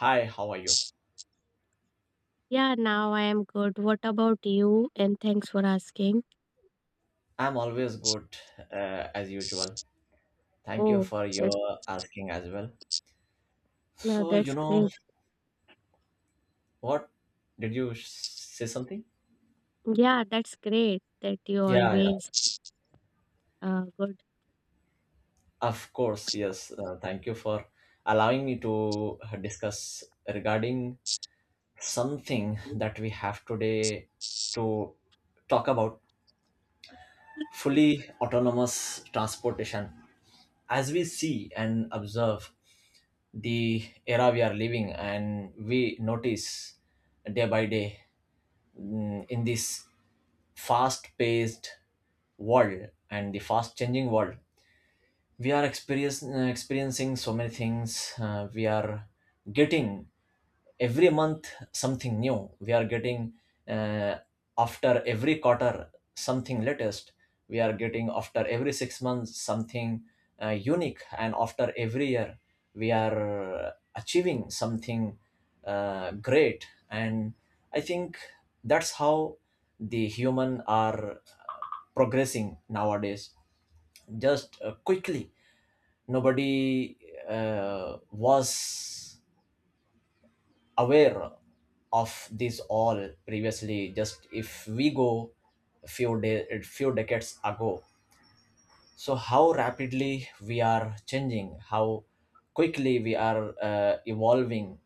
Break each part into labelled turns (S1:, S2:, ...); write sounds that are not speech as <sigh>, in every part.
S1: Hi, how are you?
S2: Yeah, now I am good. What about you? And thanks for asking.
S1: I'm always good as usual. Thank you
S2: Oh,
S1: for
S2: that's,
S1: your asking as well. So, you
S2: that's
S1: know
S2: great.
S1: what? Did you say something?
S2: Yeah, that's great that you
S1: Yeah.
S2: always good.
S1: Of course, yes. Thank you for allowing me to discuss regarding something that we have today to talk about fully autonomous transportation. As we see and observe the era we are living and we notice day by day, in this fast paced world and the fast changing world we are experiencing so many things. We are getting every month something new. We are getting uh, after every quarter something latest. We are getting after every 6 months something unique, and after every year we are achieving something great. And I think that's how the human are progressing nowadays, just quickly. Nobody was aware of this all previously. Just if we go a few decades ago, so how rapidly we are changing, how quickly we are evolving,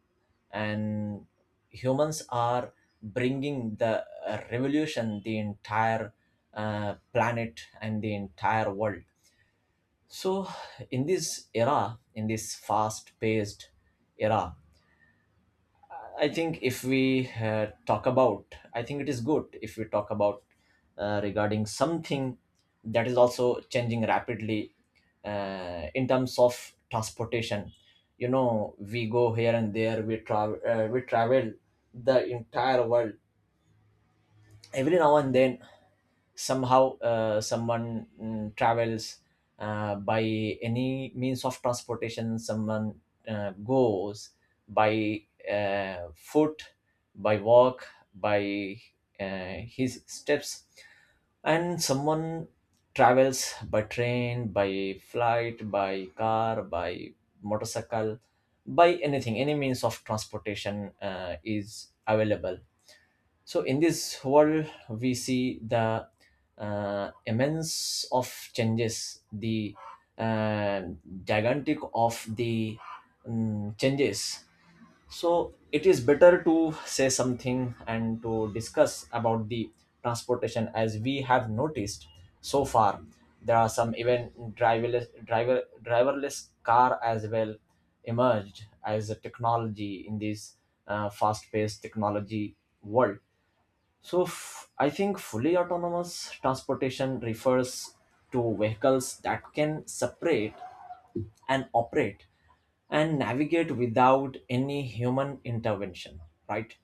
S1: and humans are bringing the revolution, the entire planet and the entire world. So in this era, in this fast paced era, I think it is good if we talk about regarding something that is also changing rapidly in terms of transportation. You know, we go here and there. We travel. We travel the entire world. Every now and then, somehow someone travels by any means of transportation. Someone goes by foot, by walk, by his steps, and someone travels by train, by flight, by car, by motorcycle, by anything, any means of transportation is available. So in this world, we see the immense of changes, the uh, gigantic of the changes. So it is better to say something and to discuss about the transportation as we have noticed so far. There are some even driverless car as well emerged as a technology in this fast-paced technology world. So I think fully autonomous transportation refers to vehicles that can separate and operate and navigate without any human intervention, right?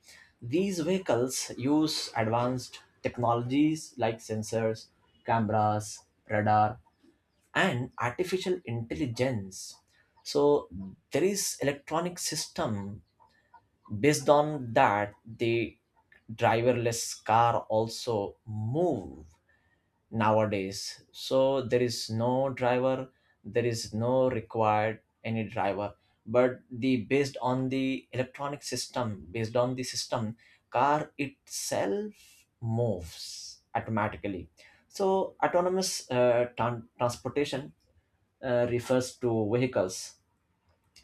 S1: These vehicles use advanced technologies like sensors, cameras, radar, and artificial intelligence. So there is electronic system, based on that the driverless car also move nowadays. So there is no driver, there is no required any driver, but the based on the electronic system, based on the system, car itself moves automatically. So autonomous transportation refers to vehicles,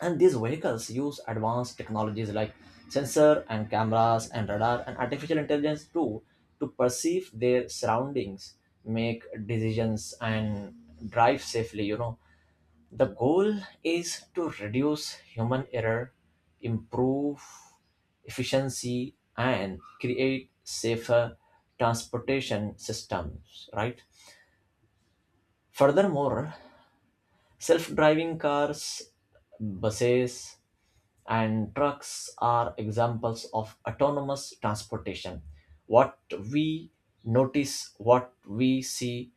S1: and these vehicles use advanced technologies like sensor and cameras and radar and artificial intelligence too, to perceive their surroundings, make decisions and drive safely. You know, the goal is to reduce human error, improve efficiency and create safer transportation systems, right? Furthermore, self-driving cars, buses, and trucks are examples of autonomous transportation. What we notice, what we see,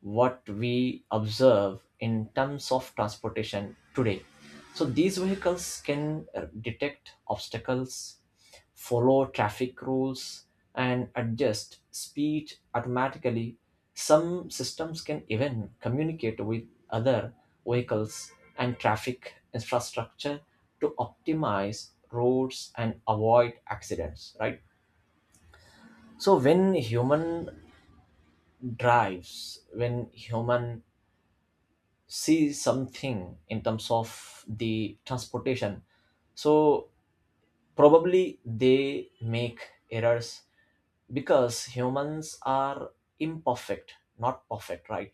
S1: what we observe in terms of transportation today. So these vehicles can detect obstacles, follow traffic rules, and adjust speed automatically. Some systems can even communicate with other vehicles and traffic infrastructure to optimize roads and avoid accidents, right? So when human drives, when human sees something in terms of the transportation, so probably they make errors because humans are imperfect, not perfect, right?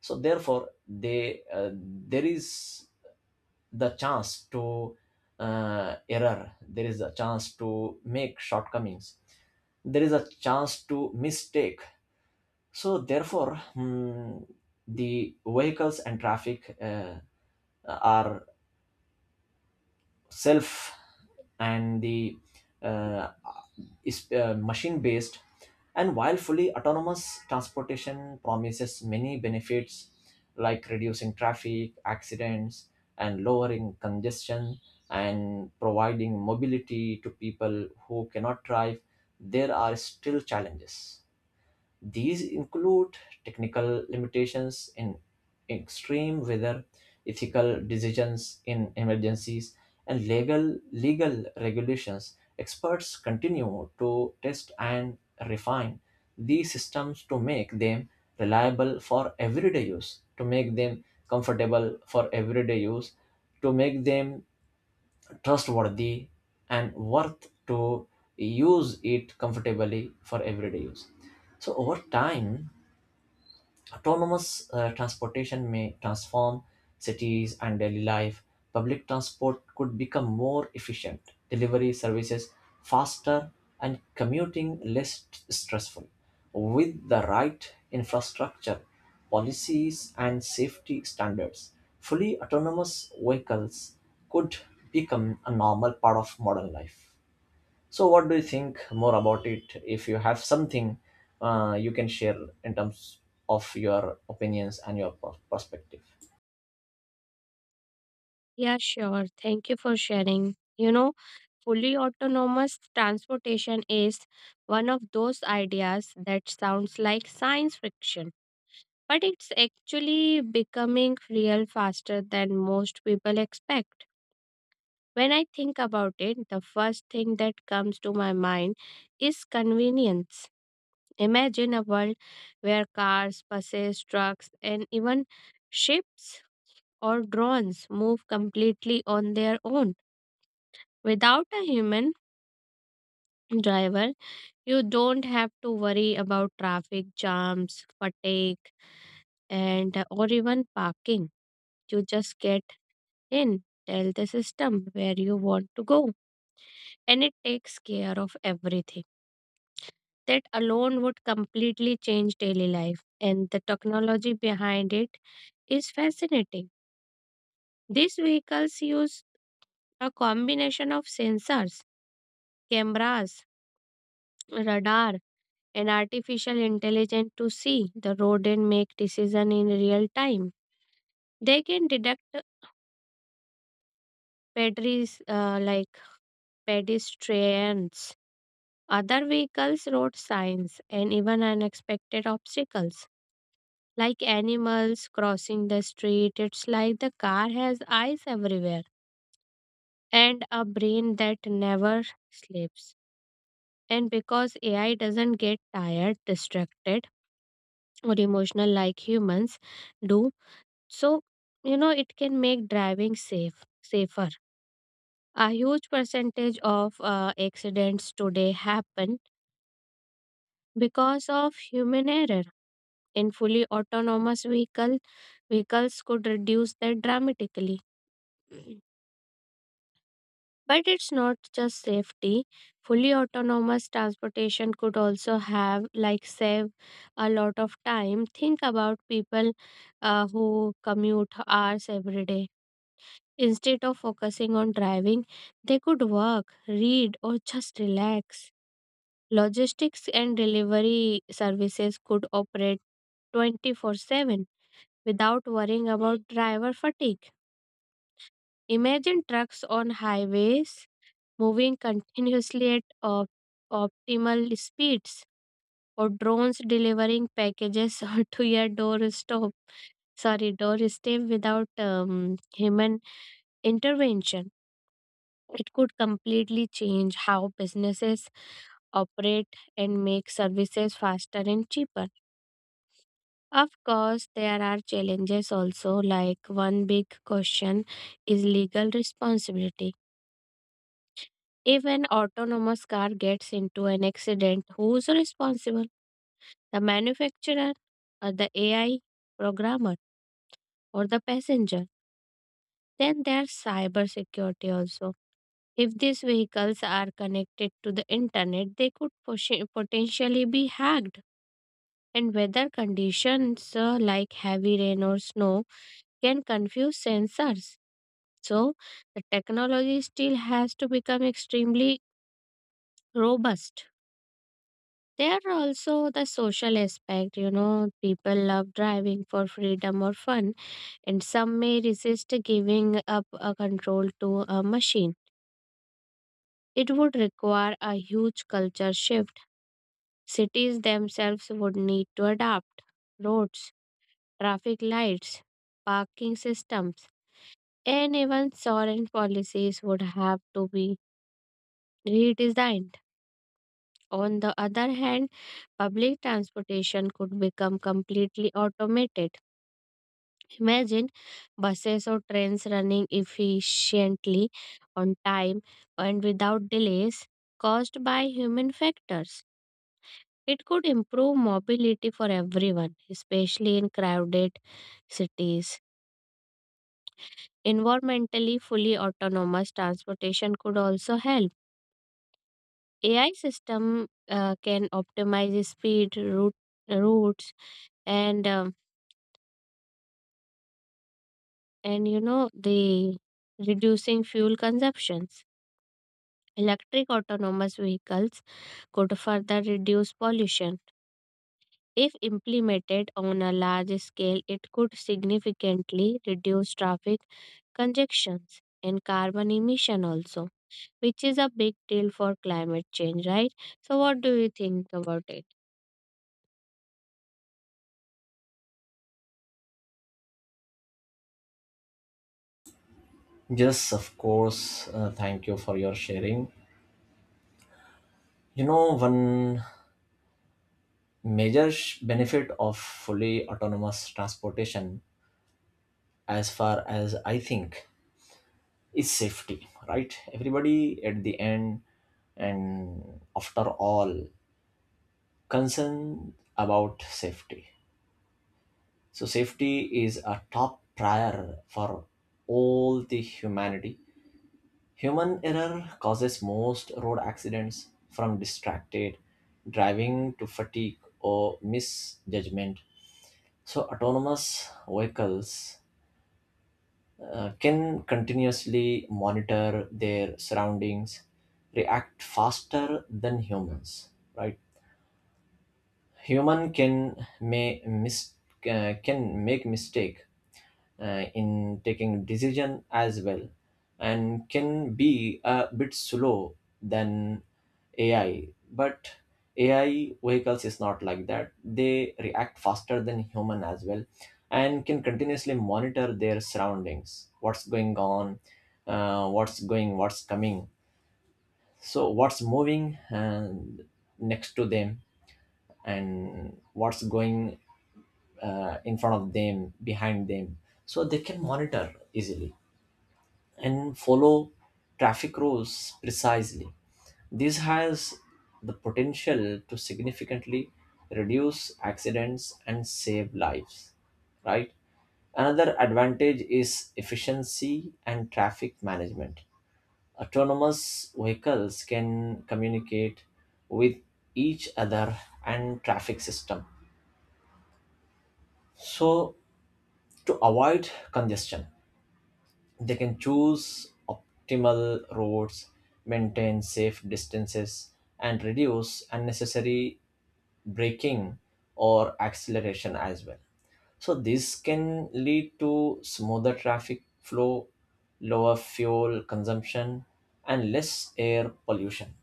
S1: So therefore they there is the chance to error, there is a chance to make shortcomings, there is a chance to mistake. So therefore, the vehicles and traffic are self, and the uh, is machine based. And while fully autonomous transportation promises many benefits like reducing traffic accidents, and lowering congestion, and providing mobility to people who cannot drive, there are still challenges. These include technical limitations in extreme weather, ethical decisions in emergencies, and legal regulations. Experts continue to test and refine these systems to make them reliable for everyday use, to make them comfortable for everyday use, to make them trustworthy and worth to use it comfortably for everyday use. So over time, autonomous transportation may transform cities and daily life. Public transport could become more efficient, delivery services faster, and commuting less stressful. With the right infrastructure, policies, and safety standards, fully autonomous vehicles could become a normal part of modern life. So, what do you think more about it? If you have something, you can share in terms of your opinions and your perspective.
S2: Yeah, sure. Thank you for sharing. You know, fully autonomous transportation is one of those ideas that sounds like science fiction, but it's actually becoming real faster than most people expect. When I think about it, the first thing that comes to my mind is convenience. Imagine a world where cars, buses, trucks, and even ships or drones move completely on their own. Without a human driver, you don't have to worry about traffic jams, fatigue, and or even parking. You just get in, tell the system where you want to go, and it takes care of everything. That alone would completely change daily life, and the technology behind it is fascinating. These vehicles use a combination of sensors, cameras, radar, and artificial intelligence to see the road and make decision in real time. They can detect pedries like pedestrians, other vehicles, road signs, and even unexpected obstacles like animals crossing the street. It's like the car has eyes everywhere and a brain that never sleeps. And because AI doesn't get tired, distracted, or emotional like humans do, so you know it can make driving safer. A huge percentage of accidents today happen because of human error. In vehicles could reduce that dramatically. But it's not just safety. Fully autonomous transportation could also have, like, save a lot of time. Think about people who commute hours every day. Instead of focusing on driving, they could work, read, or just relax. Logistics and delivery services could operate 24/7 without worrying about driver fatigue. Imagine trucks on highways moving continuously at optimal speeds, or drones delivering packages <laughs> to your doorstep. Sorry, doorstep without human intervention. It could completely change how businesses operate and make services faster and cheaper. Of course, there are challenges also, like one big question is legal responsibility. If an autonomous car gets into an accident, who's responsible? The manufacturer, or the AI programmer, or the passenger? Then there's cybersecurity also. If these vehicles are connected to the internet, they could potentially be hacked. And weather conditions like heavy rain or snow can confuse sensors. So, the technology still has to become extremely robust. There are also the social aspect, you know, people love driving for freedom or fun, and some may resist giving up a control to a machine. It would require a huge culture shift. Cities themselves would need to adapt. Roads, traffic lights, parking systems, and even foreign policies would have to be redesigned. On the other hand, public transportation could become completely automated. Imagine buses or trains running efficiently on time and without delays caused by human factors. It could improve mobility for everyone, especially in crowded cities. Environmentally fully autonomous transportation could also help. AI system can optimize routes, and um, and you know the reducing fuel consumption. Electric autonomous vehicles could further reduce pollution. If implemented on a large scale, it could significantly reduce traffic congestions and carbon emission also, which is a big deal for climate change, right? So, what do you think about it?
S1: Yes, of course. Thank you for your sharing. You know, one major benefit of fully autonomous transportation, as far as I think, is safety, right? Everybody at the end and after all concerned about safety. So safety is a top prior for all the humanity. Human error causes most road accidents, from distracted driving to fatigue or misjudgment. So autonomous vehicles can continuously monitor their surroundings, react faster than humans, right? Human can may mis- can make mistake in taking decision as well, and can be a bit slow than AI. But AI vehicles is not like that. They react faster than human as well, and can continuously monitor their surroundings, what's going on, what's coming, so what's moving and next to them, and what's going in front of them, behind them. So they can monitor easily and follow traffic rules precisely. This has the potential to significantly reduce accidents and save lives, right? Another advantage is efficiency and traffic management. Autonomous vehicles can communicate with each other and traffic system, so to avoid congestion. They can choose optimal routes, maintain safe distances, and reduce unnecessary braking or acceleration as well. So, this can lead to smoother traffic flow, lower fuel consumption, and less air pollution.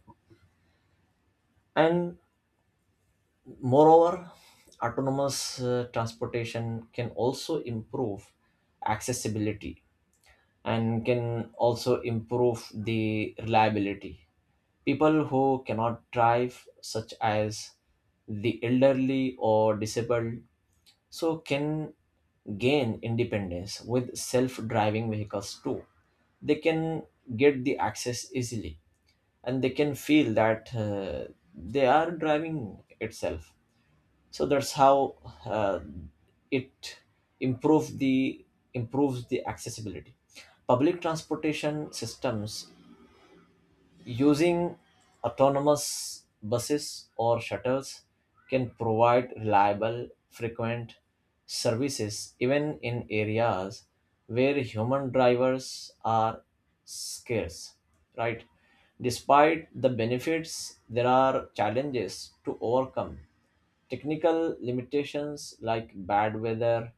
S1: And moreover, autonomous transportation can also improve accessibility and can also improve the reliability. People who cannot drive, such as the elderly or disabled, so can gain independence with self-driving vehicles too. They can get the access easily, and they can feel that they are driving itself. So that's how uh, it improve the improves the accessibility. Public transportation systems using autonomous buses or shuttles can provide reliable, frequent services even in areas where human drivers are scarce, right? Despite the benefits, there are challenges to overcome. Technical limitations like bad weather,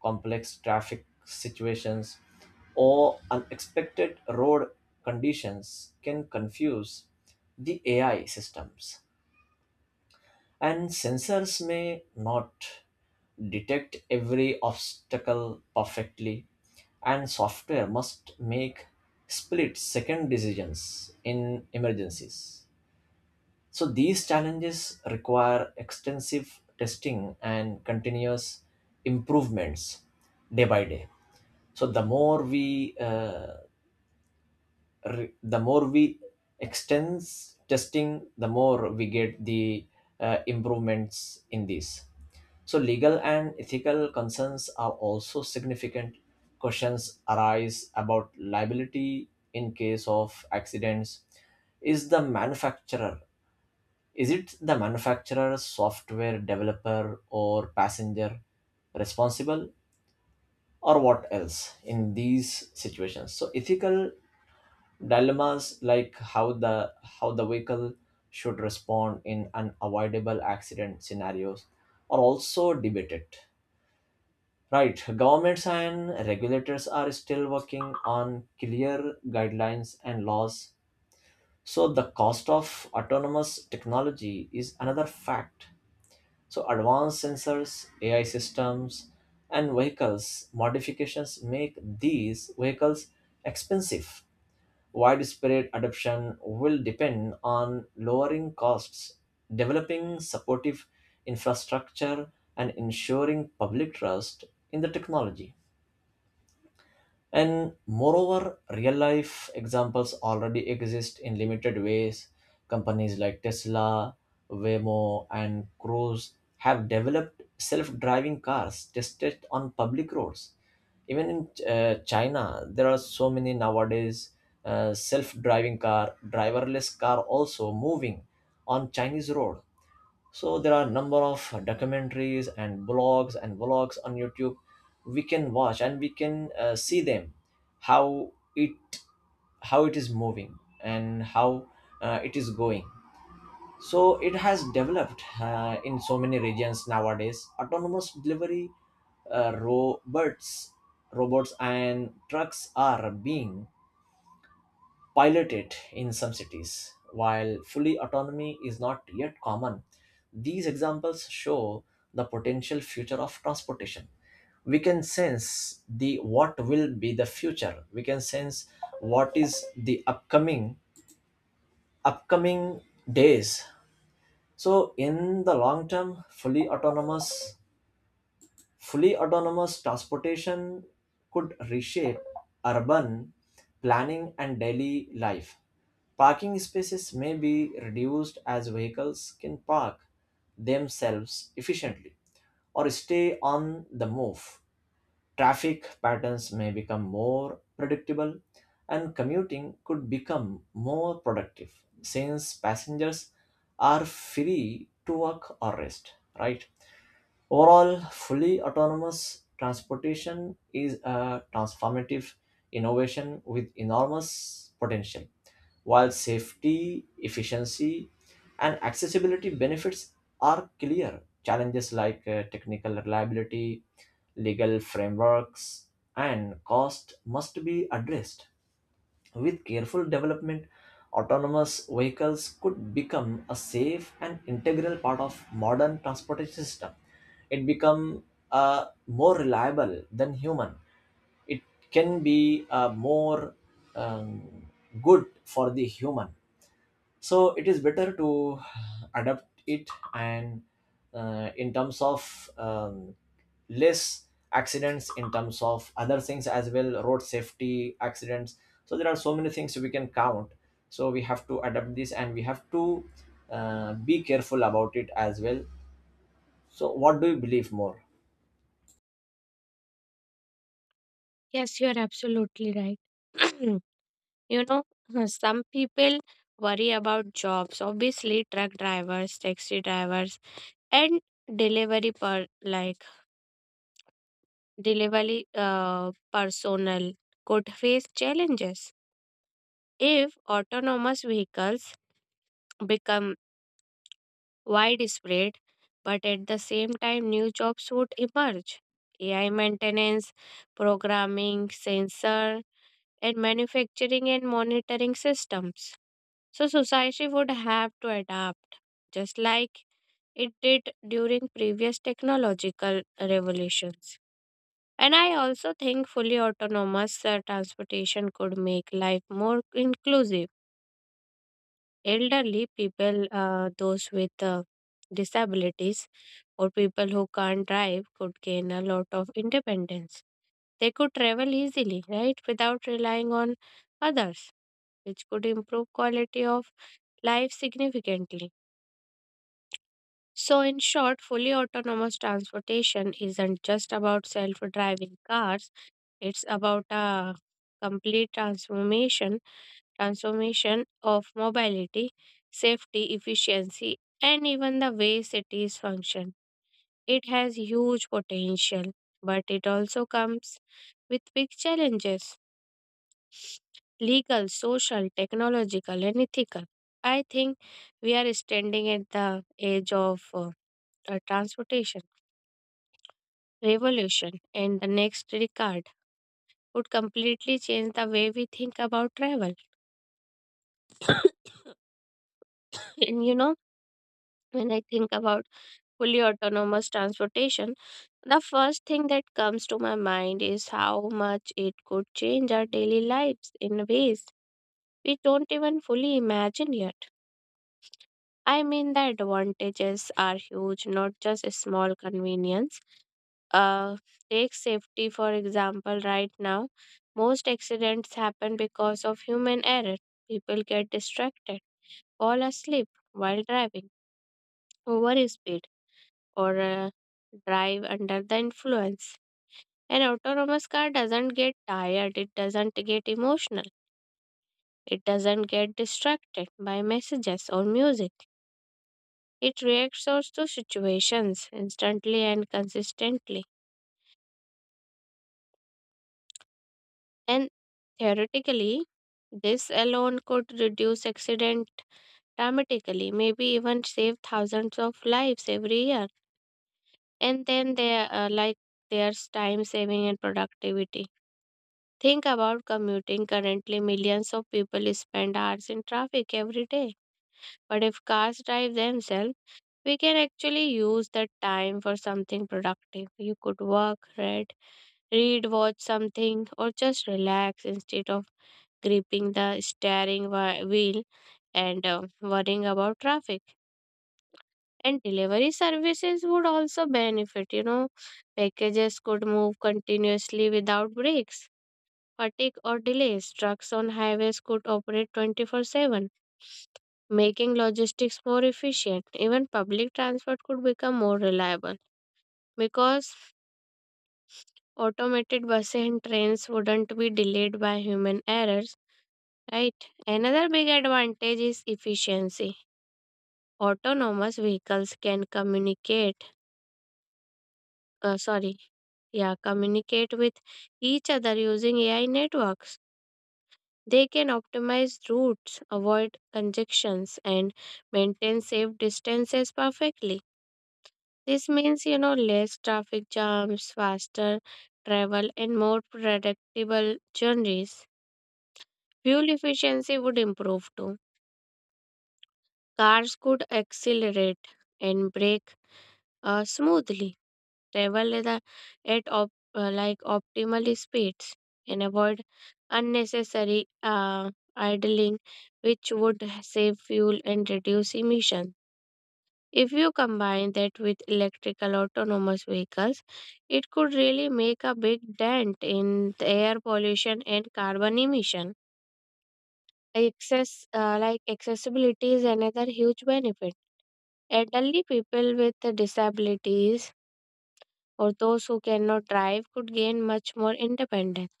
S1: complex traffic situations, or unexpected road conditions can confuse the AI systems, and sensors may not detect every obstacle perfectly, and software must make split second decisions in emergencies. So these challenges require extensive testing and continuous improvements day by day. So the more we re- the more we extends testing, the more we get the improvements in these. So legal and ethical concerns are also significant. Questions arise about liability in case of accidents. Is the manufacturer is it the manufacturer, software developer, or passenger responsible, or what else in these situations? So ethical dilemmas like how the vehicle should respond in unavoidable accident scenarios are also debated. Right, governments and regulators are still working on clear guidelines and laws. So the cost of autonomous technology is another fact. So advanced sensors, AI systems, and vehicles modifications make these vehicles expensive. Widespread adoption will depend on lowering costs, developing supportive infrastructure, and ensuring public trust in the technology. And moreover, real life examples already exist in limited ways. Companies like Tesla, Waymo, and Cruise have developed self driving cars tested on public roads. Even in China, there are so many nowadays driverless car also moving on Chinese road. So there are a number of documentaries and blogs and vlogs on YouTube, we can watch and we can see them, how it is moving, and how it is going. So it has developed in so many regions nowadays. Autonomous delivery uh, robots robots and trucks are being piloted in some cities. While fully autonomy is not yet common, these examples show the potential future of transportation. We can sense the what will be the future. We can sense what is the upcoming days. So in the long term, Fully autonomous transportation could reshape urban planning and daily life. Parking spaces may be reduced as vehicles can park themselves efficiently or stay on the move. Traffic patterns may become more predictable, and commuting could become more productive since passengers are free to work or rest, right? Overall, fully autonomous transportation is a transformative innovation with enormous potential. While safety, efficiency, and accessibility benefits are clear, challenges like technical reliability, legal frameworks, and cost must be addressed. With careful development, autonomous vehicles could become a safe and integral part of modern transportation system. It become more reliable than human. It can be more um, good for the human. So it is better to adapt it and in terms of less accidents, in terms of other things as well, road safety accidents. So there are so many things we can count. So we have to adapt this and we have to be careful about it as well. So what do you believe more?
S2: Yes, you're absolutely right. <clears throat> You know, <laughs> some people worry about jobs, obviously, truck drivers, taxi drivers, and delivery per like delivery personnel could face challenges if autonomous vehicles become widespread, but at the same time, new jobs would emerge. AI maintenance, programming, sensor, and manufacturing and monitoring systems. So, society would have to adapt just like it did during previous technological revolutions. And I also think fully autonomous transportation could make life more inclusive. Elderly people, those with disabilities, or people who can't drive could gain a lot of independence. They could travel easily, right, without relying on others, which could improve quality of life significantly. So, in short, fully autonomous transportation isn't just about self driving cars, it's about a complete transformation transformation of mobility, safety, efficiency, and even the way cities function. It has huge potential, but it also comes with big challenges, legal, social, technological, and ethical. I think we are standing at the edge of transportation revolution, and the next Ricard would completely change the way we think about travel. <coughs> And you know, when I think about fully autonomous transportation, the first thing that comes to my mind is how much it could change our daily lives in ways we don't even fully imagine yet. I mean, the advantages are huge, not just a small convenience. uh, Take safety, for example. Right now, most accidents happen because of human error. People get distracted, fall asleep while driving, over speed, or drive under the influence. An autonomous car doesn't get tired, it doesn't get emotional, it doesn't get distracted by messages or music. It reacts also to situations instantly and consistently. And theoretically, this alone could reduce accident dramatically, maybe even save thousands of lives every year. And then there, like There's time saving and productivity. Think about commuting. Currently, millions of people spend hours in traffic every day. But if cars drive themselves, we can actually use that time for something productive. You could work, read, watch something, or just relax instead of gripping the wheel and worrying about traffic. And delivery services would also benefit, you know, packages could move continuously without breaks, fatigue, or delays. Trucks on highways could operate 24/7, making logistics more efficient. Even public transport could become more reliable because automated buses and trains wouldn't be delayed by human errors. Right. Another big advantage is efficiency. Autonomous vehicles can uh, sorry, yeah, communicate with each other using AI networks. They can optimize routes, avoid congestions, and maintain safe distances perfectly. This means, you know, less traffic jams, faster travel, and more predictable journeys. Fuel efficiency would improve too. Cars could accelerate and brake smoothly, travel at the- at op, like optimal speeds, and avoid unnecessary uh, idling, which would save fuel and reduce emission. If you combine that with electrical autonomous vehicles, it could really make a big dent in the air pollution and carbon emission. Access, Accessibility is another huge benefit. Elderly people with disabilities or those who cannot drive could gain much more independence.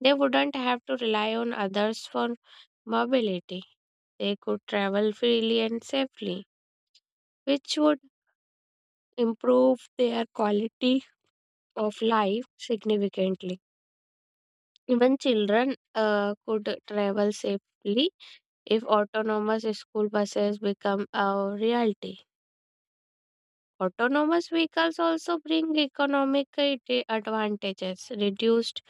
S2: They wouldn't have to rely on others for mobility. They could travel freely and safely, which would improve their quality of life significantly. Even children could travel safely if autonomous school buses become a reality. Autonomous vehicles also bring economic advantages, reduced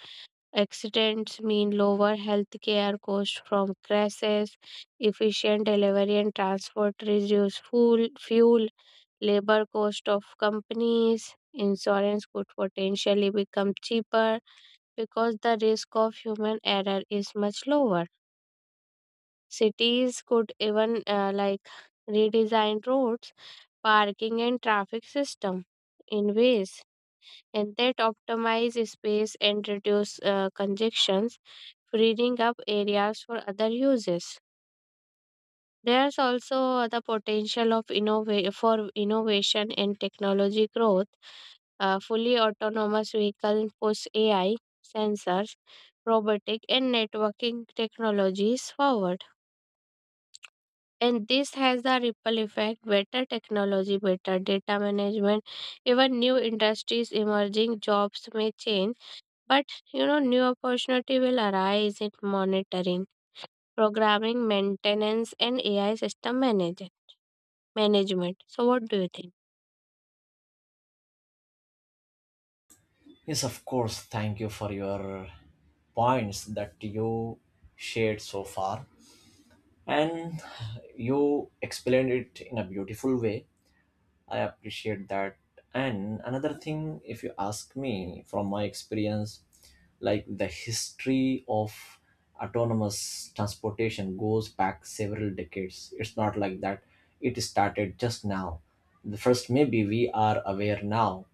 S2: accidents mean lower healthcare costs from crashes, efficient delivery and transport reduce fuel, labor cost of companies. Insurance could potentially become cheaper because the risk of human error is much lower. Cities could even, redesign roads, parking and traffic system in ways and that optimize space and reduce congestions, freeing up areas for other uses. There's also the potential of for innovation and technology growth. Fully autonomous vehicle push AI, sensors, robotic and networking technologies forward. And this has the ripple effect, better technology, better data management, even new industries emerging jobs may change. But you know, new opportunity will arise in monitoring, programming, maintenance, and AI system management. So, what do you think?
S1: Yes, of course, thank you for your points that you shared so far. And you explained it in a beautiful way. I appreciate that. And another thing, if you ask me from my experience, like the history of autonomous transportation goes back several decades. It's not like that it started just now. The first, maybe we are aware now,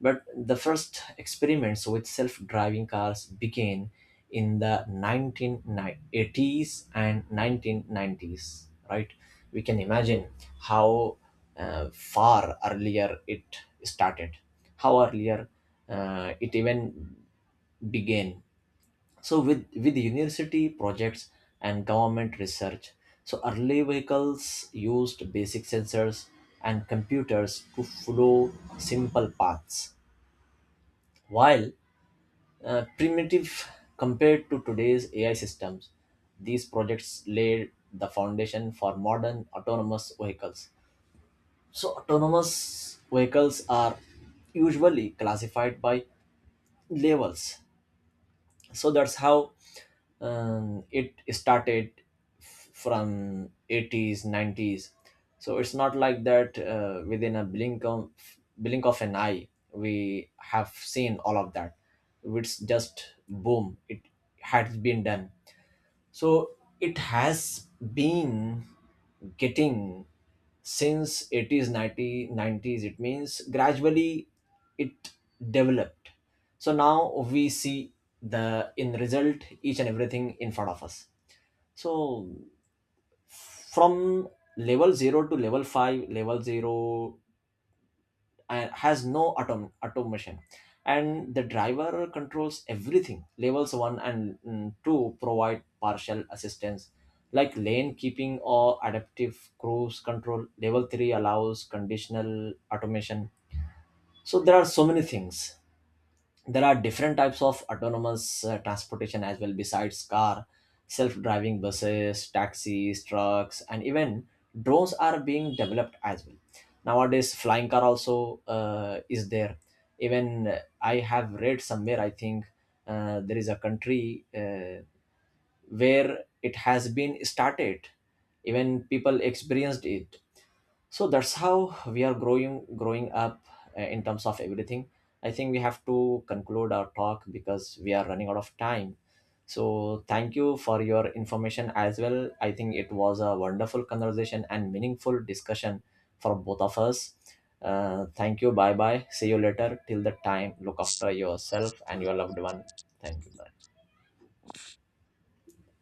S1: but the first experiments with self-driving cars began in the 1980s and 1990s, right? We can imagine how far earlier it started, how earlier it even began. So with university projects and government research, so early vehicles used basic sensors and computers to follow simple paths, while primitive compared to today's AI systems. These projects laid the foundation for modern autonomous vehicles. So, autonomous vehicles are usually classified by levels. So that's how it started, from 80s, 90s. So it's not like that within a blink of an eye we have seen all of that. It's just boom, it had been done. So it has been getting since 80s, 90, 90s. It means gradually it developed. So now we see the in result each and everything in front of us. So from level 0 to level 5, level 0 and has no automation, and the driver controls everything. Levels 1 and 2 provide partial assistance like lane keeping or adaptive cruise control. Level 3 allows conditional automation. So there are so many things. There are different types of autonomous transportation as well, besides car. Self-driving buses, taxis, trucks, and even drones are being developed as well. Nowadays flying car also is there. Even I have read somewhere, I think, there is a country where it has been started, even people experienced it. So that's how we are growing up in terms of everything. I think we have to conclude our talk because we are running out of time. So thank you for your information as well. I think it was a wonderful conversation and meaningful discussion for both of us. Thank you. Bye bye, see you later. Till the time, look after yourself and your loved one. Thank you.